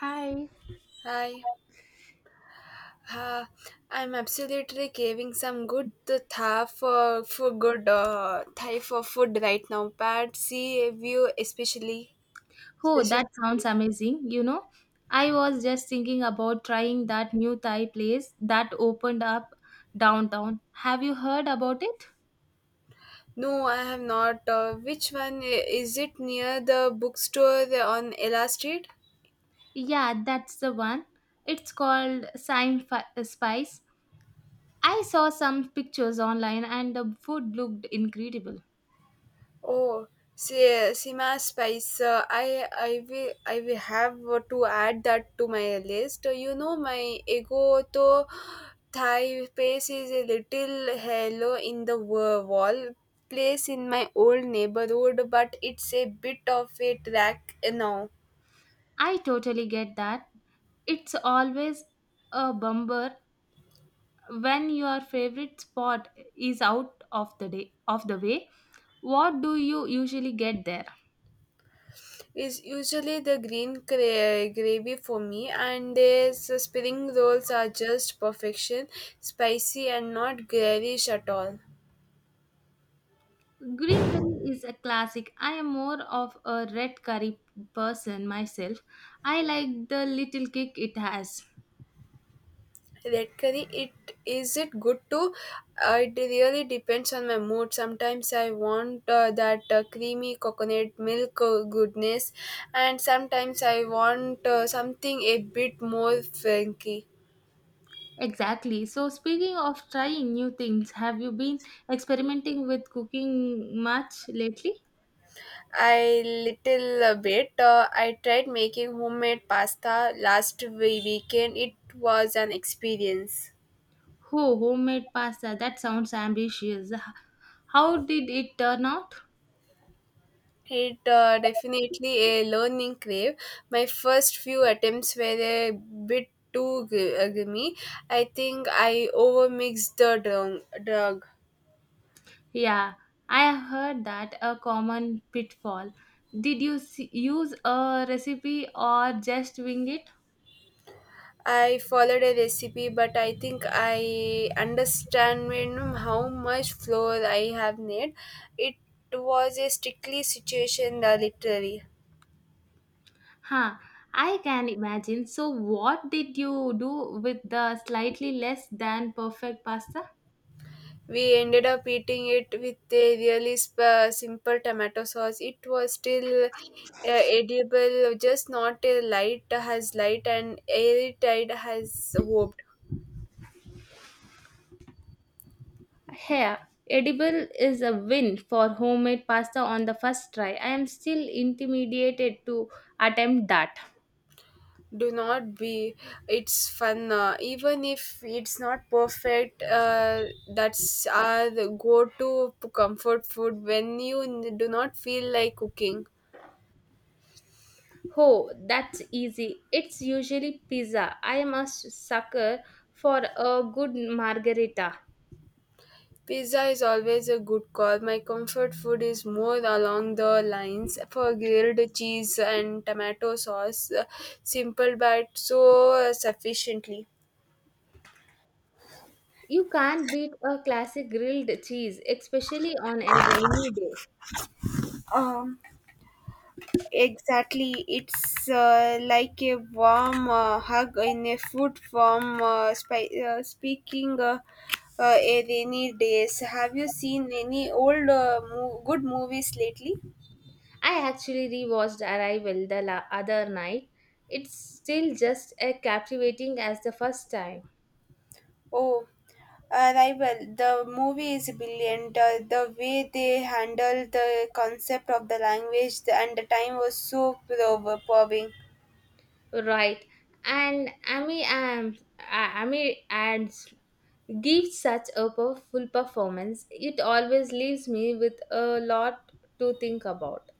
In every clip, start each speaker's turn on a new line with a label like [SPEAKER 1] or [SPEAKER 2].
[SPEAKER 1] Hi.
[SPEAKER 2] Hi. Uh, I'm absolutely craving some good Thai for good Thai for food right now. Pad see view especially
[SPEAKER 1] Oh,
[SPEAKER 2] special.
[SPEAKER 1] that sounds amazing. You know, I was just thinking about trying that new Thai place that opened up downtown. Have you heard about it?
[SPEAKER 2] No, I have not. Which one is it near the bookstore on Ella Street?
[SPEAKER 1] Yeah, that's the one. It's called Spice. I saw some pictures online and the food looked incredible.
[SPEAKER 2] Oh, see, Sima Spice. I will have to add that to my list. You know, my ego to Thai place is a little hello in the wall place in my old neighborhood, but it's a bit of a track now.
[SPEAKER 1] I totally get that. It's always a bummer when your favorite spot is out of the day of the way. What do you usually get there?
[SPEAKER 2] It's usually the green gravy for me, and the spring rolls are just perfection, spicy and not garish at all.
[SPEAKER 1] Green curry is a classic. I am more of a red curry person myself. I like the little kick it has.
[SPEAKER 2] Red curry, it is. It good too. It really depends on my mood. Sometimes I want, that, creamy coconut milk, goodness. And sometimes I want, something a bit more funky.
[SPEAKER 1] Exactly. So, speaking of trying new things, have you been experimenting with cooking much lately?
[SPEAKER 2] I little, bit, I tried making homemade pasta last weekend. It was an experience.
[SPEAKER 1] Oh, homemade pasta. That sounds ambitious. How did it turn out?
[SPEAKER 2] It definitely a learning crave. My first few attempts were a bit too grimy. I think I overmixed the drug.
[SPEAKER 1] Yeah, I have heard that a common pitfall. Did you use a recipe or just wing it?
[SPEAKER 2] I followed a recipe, but I think I understand when how much flour I have need. It was a strictly situation, literally.
[SPEAKER 1] Huh, I can imagine. So, what did you do with the slightly less than perfect pasta?
[SPEAKER 2] We ended up eating it with a really simple tomato sauce. It was still, edible, just not a light as light and airtight as hoped.
[SPEAKER 1] Here, edible is a win for homemade pasta on the first try. I am still intimidated to attempt that.
[SPEAKER 2] Do not be. It's fun, even if it's not perfect. That's our go-to comfort food when you do not feel like cooking.
[SPEAKER 1] Oh, that's easy. It's usually pizza. I am a sucker for a good margarita.
[SPEAKER 2] Pizza is always a good call. My comfort food is more along the lines for grilled cheese and tomato sauce, simple but so sufficiently.
[SPEAKER 1] You can't beat a classic grilled cheese, especially on a rainy day.
[SPEAKER 2] Um, exactly. It's, like a warm, hug in a food form. Speaking a rainy days, have you seen any old good movies lately?
[SPEAKER 1] I actually rewatched Arrival the other night. It's still just as captivating as the first time.
[SPEAKER 2] Oh, Arrival, the movie is brilliant. The way they handled the concept of the language and the time was so provoking.
[SPEAKER 1] Right. And Amy and gives such a powerful performance. It always leaves me with a lot to think about.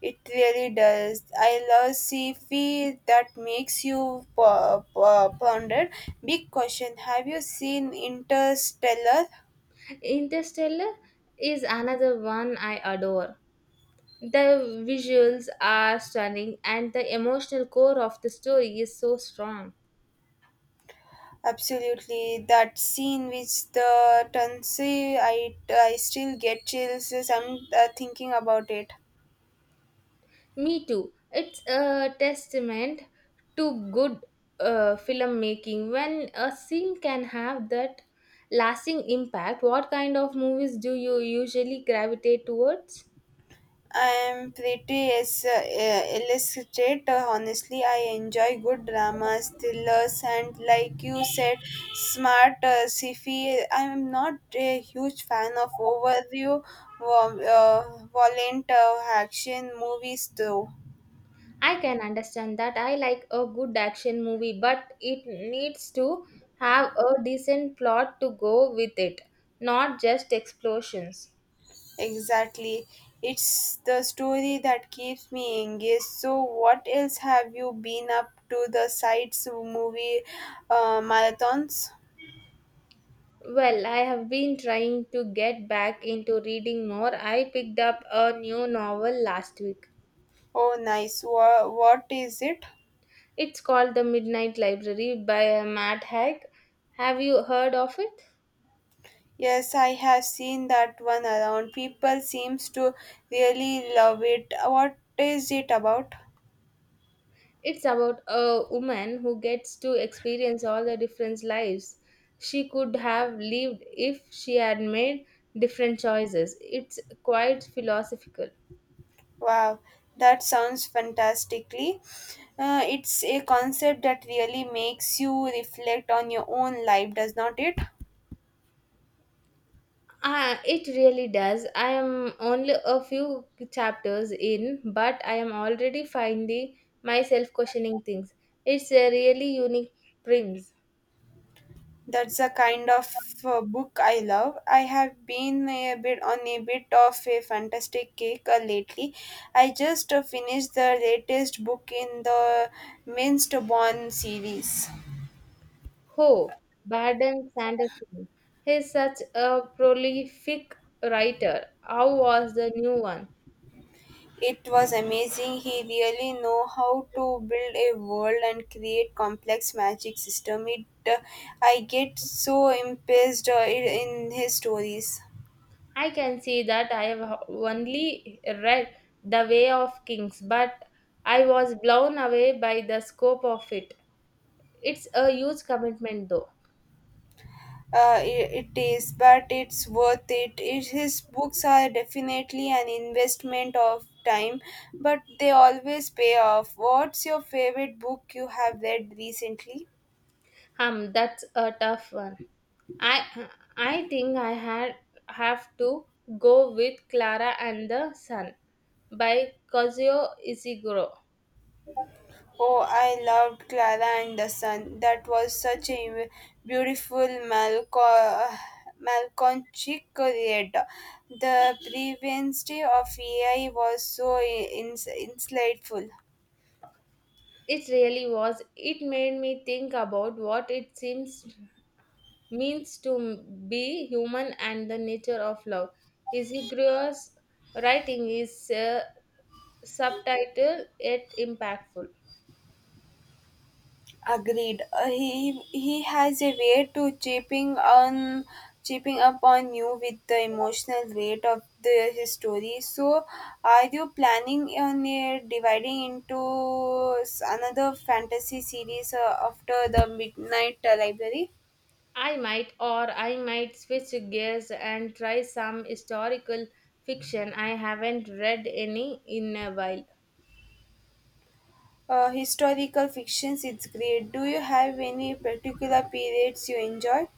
[SPEAKER 2] It really does. I love sci-fi that makes you ponder. Big question: Have you seen Interstellar?
[SPEAKER 1] Interstellar is another one I adore. The visuals are stunning and the emotional core of the story is so strong.
[SPEAKER 2] Absolutely, that scene which the Tansy. I still get chills. Some, thinking about it.
[SPEAKER 1] Me too. It's a testament to good filmmaking. When a scene can have that lasting impact, what kind of movies do you usually gravitate towards?
[SPEAKER 2] I'm pretty as, illustrate. Honestly, I enjoy good dramas, thrillers, and like you said, smart, sci-fi. I'm not a huge fan of overview, violent, action movies, though.
[SPEAKER 1] I can understand that. I like a good action movie, but it needs to have a decent plot to go with it, not just explosions.
[SPEAKER 2] Exactly, it's the story that keeps me engaged. So, what else have you been up to the sites movie, marathons?
[SPEAKER 1] Well, I have been trying to get back into reading more. I picked up a new novel last week.
[SPEAKER 2] Oh, nice. What is it?
[SPEAKER 1] It's called The Midnight Library by Matt Haig. Have you heard of it?
[SPEAKER 2] Yes, I have seen that one around. People seems to really love it. What is it about?
[SPEAKER 1] It's about a woman who gets to experience all the different lives she could have lived if she had made different choices. It's quite philosophical.
[SPEAKER 2] Wow, that sounds fantastically. It's a concept that really makes you reflect on your own life, does not it?
[SPEAKER 1] It really does. I am only a few chapters in, but I am already finding myself questioning things. It's a really unique prince.
[SPEAKER 2] That's the kind of, book I love. I have been a bit of a fantastic kick, lately. I just, finished the latest book in the Minced Bond series.
[SPEAKER 1] Ho, Baden Sanderson. He's such a prolific writer. How was the new one?
[SPEAKER 2] It was amazing. He really know how to build a world and create complex magic system. It I get so impressed, in his stories.
[SPEAKER 1] I can see that I have only read The Way of Kings, but I was blown away by the scope of it. It's a huge commitment, though.
[SPEAKER 2] It is, but it's worth it. His books are definitely an investment of time, but they always pay off. What's your favorite book you have read recently?
[SPEAKER 1] That's a tough one. I I think I had have to go with Clara and the Sun by Kazuo Ishiguro.
[SPEAKER 2] Oh, I loved Clara and the Sun. That was such a beautiful Malconchic creator. The prevalence of AI was so insightful.
[SPEAKER 1] It really was. It made me think about what it seems means to be human and the nature of love. Ishiguro's writing is subtitle yet impactful.
[SPEAKER 2] Agreed. He has a way to chipping up on you with the emotional weight of the his story. So, are you planning on, dividing into another fantasy series, after the Midnight, Library?
[SPEAKER 1] I might, or I might switch gears and try some historical fiction. I haven't read any in a while.
[SPEAKER 2] Historical fictions, it's great. Do you have any particular periods you enjoy?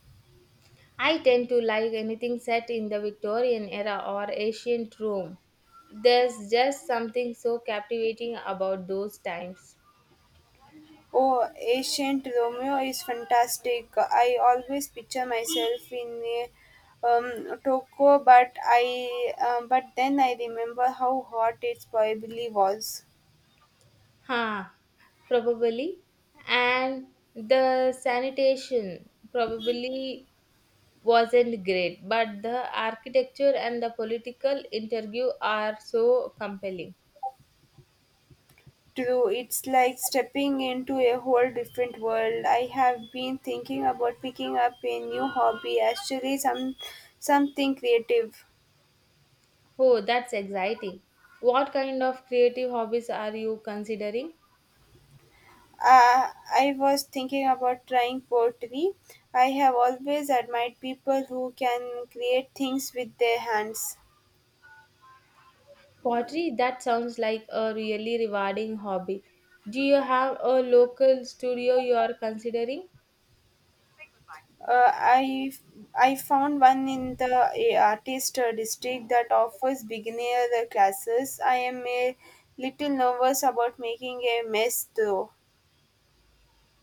[SPEAKER 1] I tend to like anything set in the Victorian era or ancient Rome. There's just something so captivating about those times.
[SPEAKER 2] Oh, Ancient Romeo is fantastic. I always picture myself in a, Tokyo, but then I remember how hot it probably was.
[SPEAKER 1] Huh, probably. And the sanitation probably wasn't great, but the architecture and the political interview are so compelling.
[SPEAKER 2] True, it's like stepping into a whole different world. I have been thinking about picking up a new hobby, actually, something creative.
[SPEAKER 1] Oh, that's exciting. What kind of creative hobbies are you considering?
[SPEAKER 2] Uh, I was thinking about trying pottery. I have always admired people who can create things with their hands.
[SPEAKER 1] Pottery, that sounds like a really rewarding hobby. Do you have a local studio you are considering?
[SPEAKER 2] Uh, I I found one in the, artist, district that offers beginner classes. I am a little nervous about making a mess though.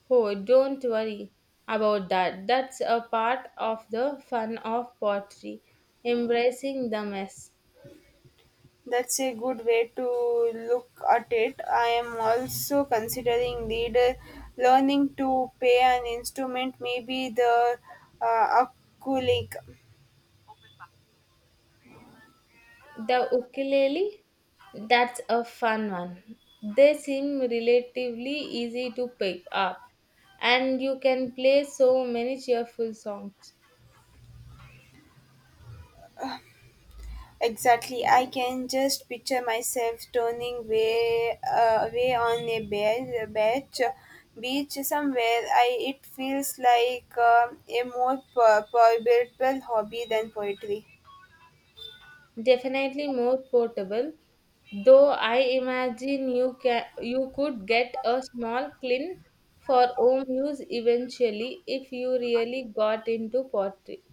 [SPEAKER 1] Oh, don't worry about that. That's a part of the fun of pottery, embracing the mess.
[SPEAKER 2] That's a good way to look at it. I am also considering lead learning to play an instrument, maybe the, uh, ukulele.
[SPEAKER 1] The ukulele, that's a fun one. They seem relatively easy to pick up, and you can play so many cheerful songs.
[SPEAKER 2] Exactly, I can just picture myself turning way away on a beach somewhere. I it feels like, a more purposeful hobby than poetry.
[SPEAKER 1] Definitely more portable, though I imagine you could get a small clean for home use eventually if you really got into pottery.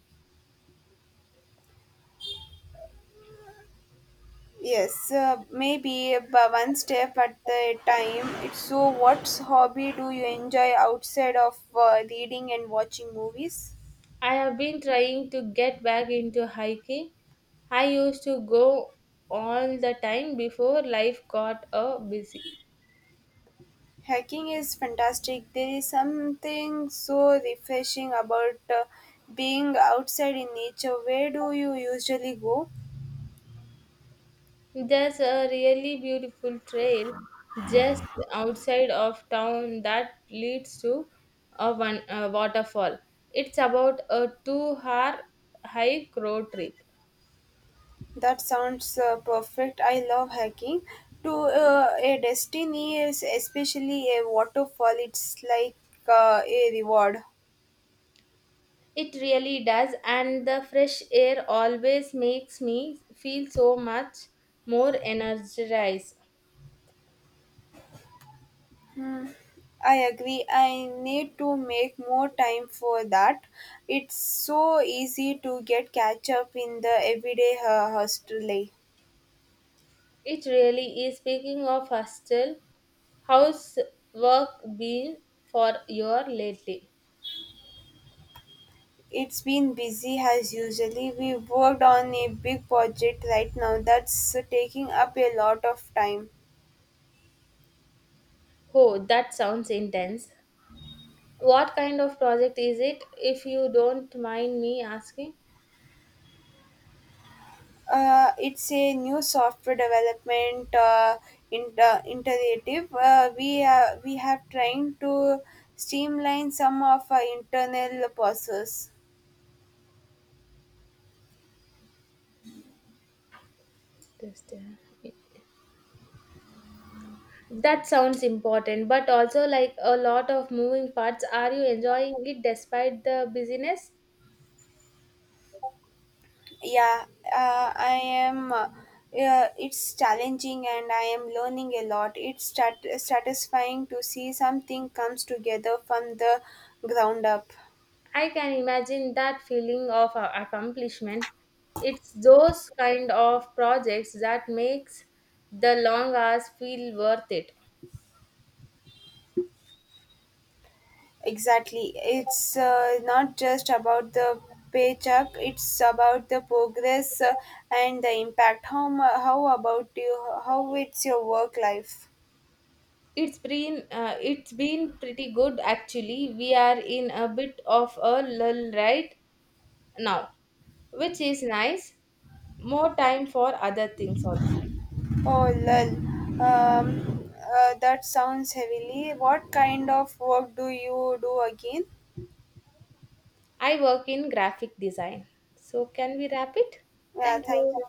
[SPEAKER 2] Yes, maybe but one step at a time. It's so, what hobby do you enjoy outside of, reading and watching movies?
[SPEAKER 1] I have been trying to get back into hiking I used to go all the time before life got busy.
[SPEAKER 2] Hiking is fantastic. There is something so refreshing about, being outside in nature. Where do you usually go?
[SPEAKER 1] There's a really beautiful trail just outside of town that leads to a, one, a waterfall. It's about a 2 hour hike road trip.
[SPEAKER 2] That sounds, perfect. I love hiking. To, a destiny is especially a waterfall. It's like, a reward.
[SPEAKER 1] It really does, and the fresh air always makes me feel so much more energized.
[SPEAKER 2] Hmm, I agree. I need to make more time for that. It's so easy to get catch up in the everyday, hustle. Life.
[SPEAKER 1] It really is. Speaking of hostel, how's work been for you lately?
[SPEAKER 2] It's been busy as usually. We worked on a big project right now that's taking up a lot of time.
[SPEAKER 1] Oh, that sounds intense. What kind of project is it, if you don't mind me asking?
[SPEAKER 2] It's a new software development, iterative. We have trying to streamline some of our internal process.
[SPEAKER 1] Just, that sounds important, but also like a lot of moving parts. Are you enjoying it despite the busyness?
[SPEAKER 2] Yeah, uh, i am uh, yeah, it's challenging and I am learning a lot. It's satisfying to see something comes together from the ground up.
[SPEAKER 1] I can imagine that feeling of accomplishment. It's those kind of projects that makes the long hours feel worth it.
[SPEAKER 2] Exactly, it's, not just about the paycheck. It's about the progress, and the impact. How about you? How it's your work life?
[SPEAKER 1] It's been pretty good actually. We are in a bit of a lull right now, which is nice. More time for other things also.
[SPEAKER 2] Oh, lol. Um, uh, that sounds heavily. What kind of work do you do again?
[SPEAKER 1] I work in graphic design. So can we wrap it?
[SPEAKER 2] Yeah,
[SPEAKER 1] Thank
[SPEAKER 2] thank
[SPEAKER 1] you.
[SPEAKER 2] you.